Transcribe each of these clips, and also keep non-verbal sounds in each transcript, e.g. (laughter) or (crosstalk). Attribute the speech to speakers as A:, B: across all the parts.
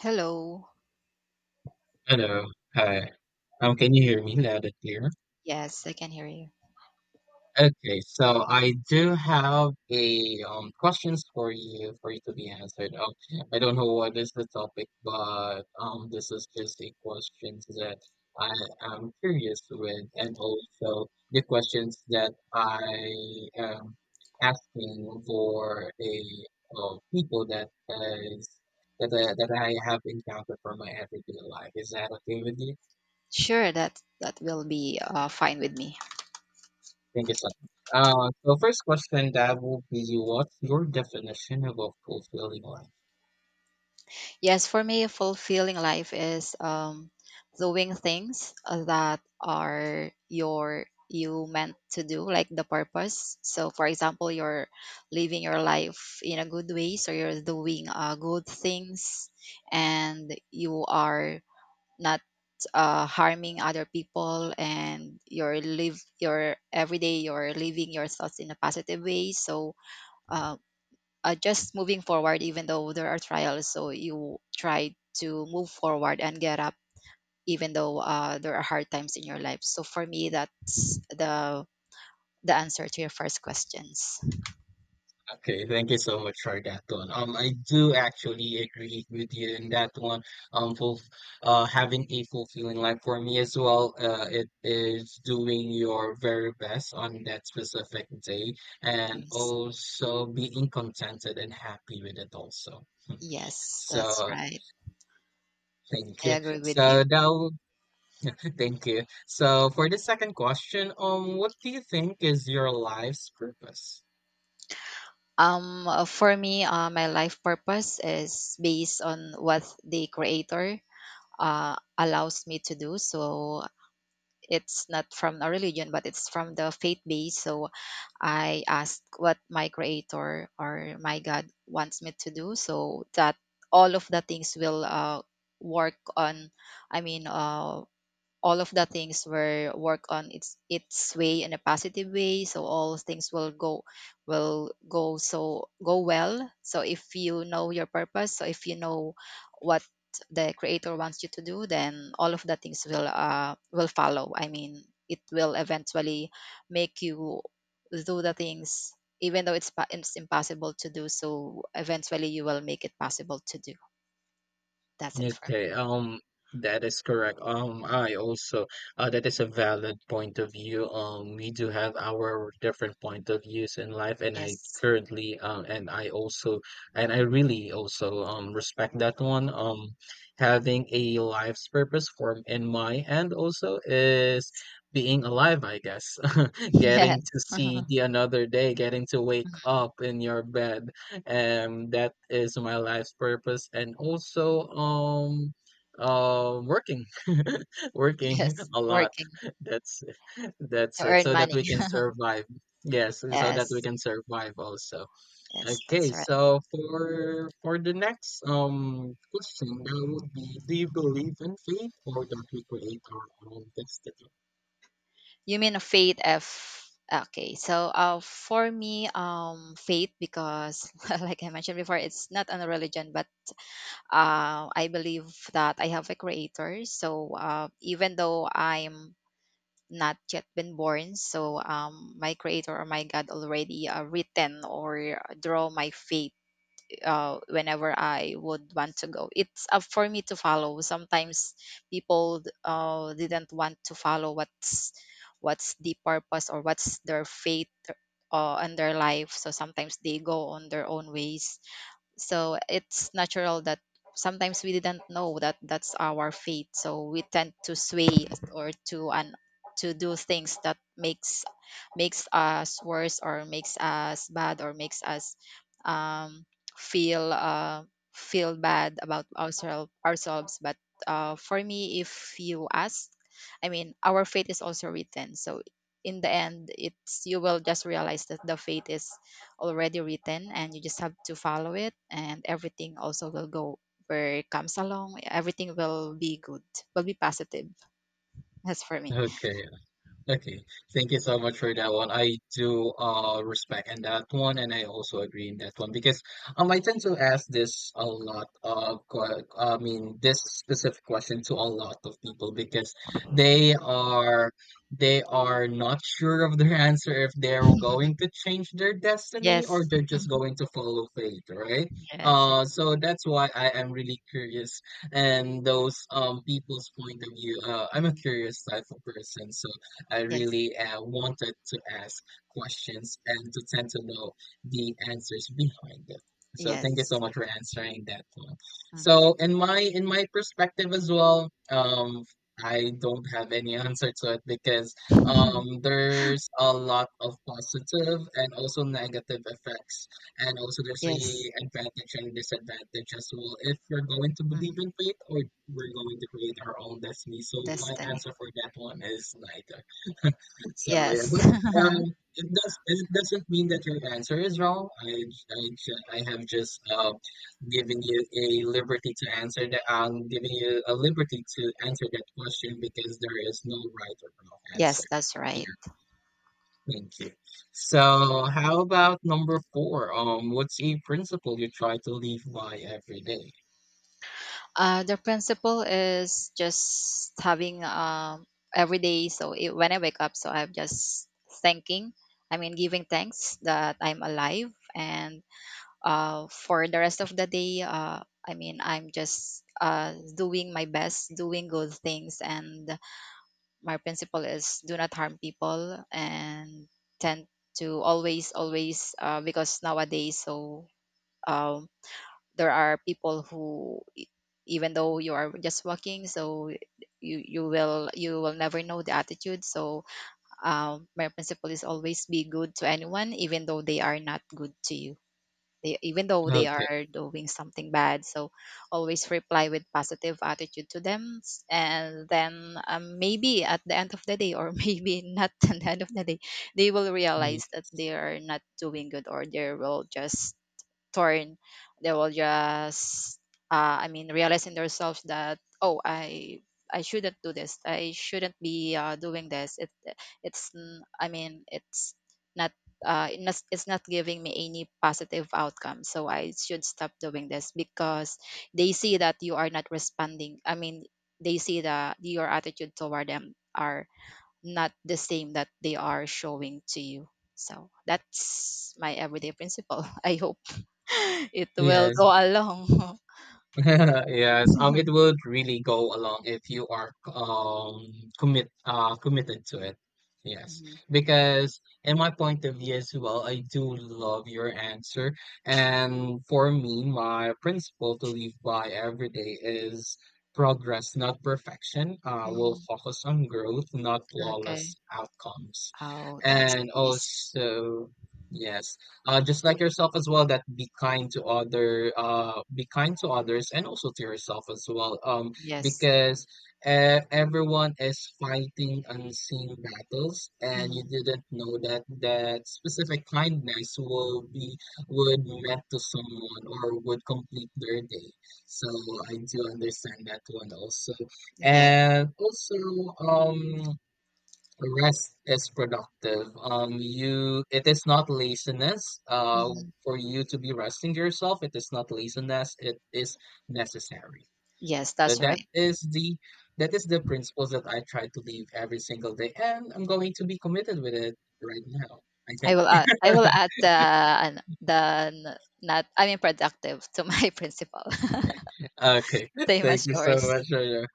A: Hello.
B: Hello. Hi. Can you hear me loud and clear?
A: Yes, I can hear you.
B: Okay, so I do have a questions for you to be answered. I don't know what is the topic, but this is just a questions that I am curious with, and also the questions that I am asking for a people that is that I have encountered for my everyday life. Is that okay with you?
A: Sure, that will be fine with me.
B: Thank you so much. So first question that will be what's your definition of a fulfilling life?
A: Yes, for me, fulfilling life is doing things that are your you meant to do, like the purpose. So, for example, you're living your life in a good way, so you're doing good things, and you are not harming other people and your live your everyday you're living your thoughts in a positive way so uh, just moving forward even though there are trials, so you try to move forward and get up even though there are hard times in your life. So for me, that's the answer to your first questions.
B: Okay, thank you so much for that one. I do actually agree with you in that one. Fulf having a fulfilling life for me as well, it is doing your very best on that specific day and
A: Yes,
B: also being contented and happy with it also.
A: yes, that's
B: So
A: right.
B: thank
A: I
B: you.
A: agree with you.
B: So that (laughs) Thank you. So for the second question, what do you think is your life's purpose?
A: For me, my life purpose is based on what the creator allows me to do. So it's not from a religion, but it's from the faith base. So I ask what my creator or my God wants me to do so that all of the things will work on, I mean, all of the things were work on its way in a positive way, so all things will go so go well. So if you know your purpose, so if you know what the creator wants you to do, then all of the things will follow. I mean, it will eventually make you do the things even though it's impossible to do, so eventually you will make it possible to do. That's it for
B: Okay, that is correct. I also, that is a valid point of view. We do have our different point of views in life, and
A: me.
B: I
A: Yes.
B: currently, and I also, and I really also, respect that one. Having a life's purpose form in my end also is being alive, I guess.
A: (laughs)
B: (laughs) Getting to
A: Yes.
B: see
A: (laughs)
B: the another day, getting to wake up in your bed and that is my life's purpose and also um working (laughs) working
A: Yes,
B: a lot.
A: working
B: that's that's
A: to
B: it,
A: earn
B: so that
A: money.
B: we can survive. Yes, so that we
A: Yes,
B: can survive also.
A: yes,
B: Okay,
A: that's right.
B: so for the next question that would be, do you believe in fate or that we create our own destiny?
A: You mean a faith F. Okay, so for me, faith, because (laughs) like I mentioned before, it's not on a religion, but I believe that I have a creator. So even though I'm not yet been born, so my creator or my God already written or draw my fate whenever I would want to go. It's up for me to follow. Sometimes people didn't want to follow what's the purpose or what's their faith in their life. So sometimes they go on their own ways, so it's natural that sometimes we didn't know that that's our fate, so we tend to sway or to do things that makes us worse or makes us bad or makes us um, feel feel bad about ourselves but for me if you ask, I mean, our fate is also written, so in the end, it's you will just realize that the fate is already written and you just have to follow it, and everything also will go where it comes along. Everything will be good, will be positive. That's for me.
B: Okay. Okay, thank you so much for that one. I do respect in that one, and I also agree in that one because I tend to ask this a lot of que- I mean this specific question to a lot of people because they are they are not sure of their (laughs) answer, if they're going
A: (laughs)
B: to change their destiny or
A: Yes.
B: they're just
A: Mhm.
B: going to follow fate, right?
A: Yes, it-
B: So that's why I am really curious and those people's point of view. I'm a
A: mhm.
B: curious type of person, so. I
A: Yes.
B: really wanted to ask questions and to tend to know the answers behind it. So thank you so
A: Yes.
B: much for answering that one. So
A: Mhm.
B: in my perspective as well, I don't have any answer to it because
A: (laughs)
B: there's a lot of positive and also negative effects, and also there's a
A: Yes.
B: advantage and disadvantage as well. If we're going to believe
A: Mhm.
B: in fate or we're going to create our own destiny, so my
A: Destiny.
B: answer for that one is neither. So yeah,
A: Yes.
B: but um,
A: (laughs)
B: it doesn't mean that your answer is wrong. I have just given you a liberty to answer that. I'm giving you a liberty to answer that question because there is no right or wrong answer
A: Yes, that's right.
B: here. Thank you. So how about number four? What's a principle you try to live by every day?
A: The principle is just having every day. So it, when I wake up, so I'm just thanking. I mean, giving thanks that I'm alive, and for the rest of the day, I mean, I'm just doing my best, doing good things, and my principle is do not harm people and tend to always, always, because nowadays, so. Um, there are people who even though you are just walking, so you will you will never know the attitude, so my principle is always be good to anyone even though they are not good to you, they, even though they
B: Okay.
A: are doing something bad, so always reply with positive attitude to them, and then maybe at the end of the day or (laughs) maybe not at the end of the day, they will
B: Mm.
A: realize that they are not doing good or they will just torn they will just I mean realizing themselves that, oh, I shouldn't do this, I shouldn't be doing this. I mean, it's not it's not giving me any positive outcome, so I should stop doing this because they see that you are not responding. I mean, they see that your attitude toward them are not the same that they are showing to you. So that's my everyday principle. (laughs) I hope (laughs) it will
B: Yes.
A: go along. (laughs)
B: (laughs) Yes, it would really go along if you are committed to it. Yes,
A: Mhm.
B: because in my point of view as well, I do love your answer. And for me, my principle to live by every day is progress, not perfection. We'll
A: Mhm.
B: focus on growth, not flawless
A: Okay.
B: outcomes.
A: Oh, that's
B: And
A: nice.
B: also, yes, just like yourself as well, that be kind to other be kind to others and also to yourself as well,
A: Yes.
B: because everyone is fighting unseen battles and you
A: Mhm.
B: didn't know that that specific kindness will be would meant to someone or would complete their day, so I do understand that one also.
A: Yes.
B: And also, um, rest is productive. It is not laziness.
A: Mhm.
B: For you to be resting yourself, it is not laziness. It is necessary.
A: Yes,
B: So
A: that's right.
B: that is the principles that I try to live every single day, and I'm going to be committed with it right now. I think.
A: I will
B: (laughs)
A: add the not, I mean, productive to my (laughs) principle. (laughs)
B: Okay.
A: Same
B: Thank
A: as
B: you so
A: yours.
B: much for your,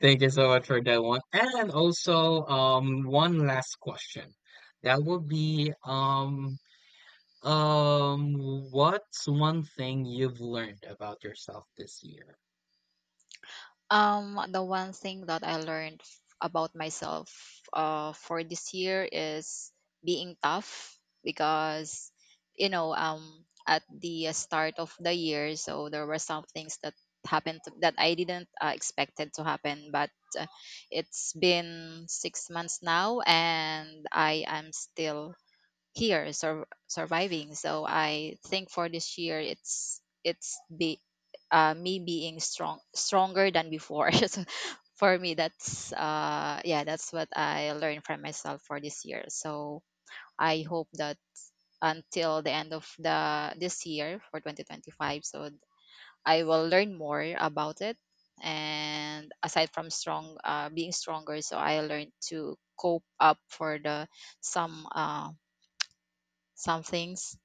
B: thank you so much for that one. And also, one last question. That would be, Um, what's one thing you've learned about yourself this year?
A: The one thing that I learned about myself for this year is being tough because, you know, at the start of the year, so there were some things that happened to, that I didn't expected to happen, but uh, it's been 6 months now, and I am still here surviving. So I think for this year, it's be me being stronger than before. (laughs) So for me, that's yeah, that's what I learned from myself for this year. So I hope that until the end of the this year for 2025, so I will learn more about it. And aside from strong, being stronger, so I learned to cope up for the some uh, some things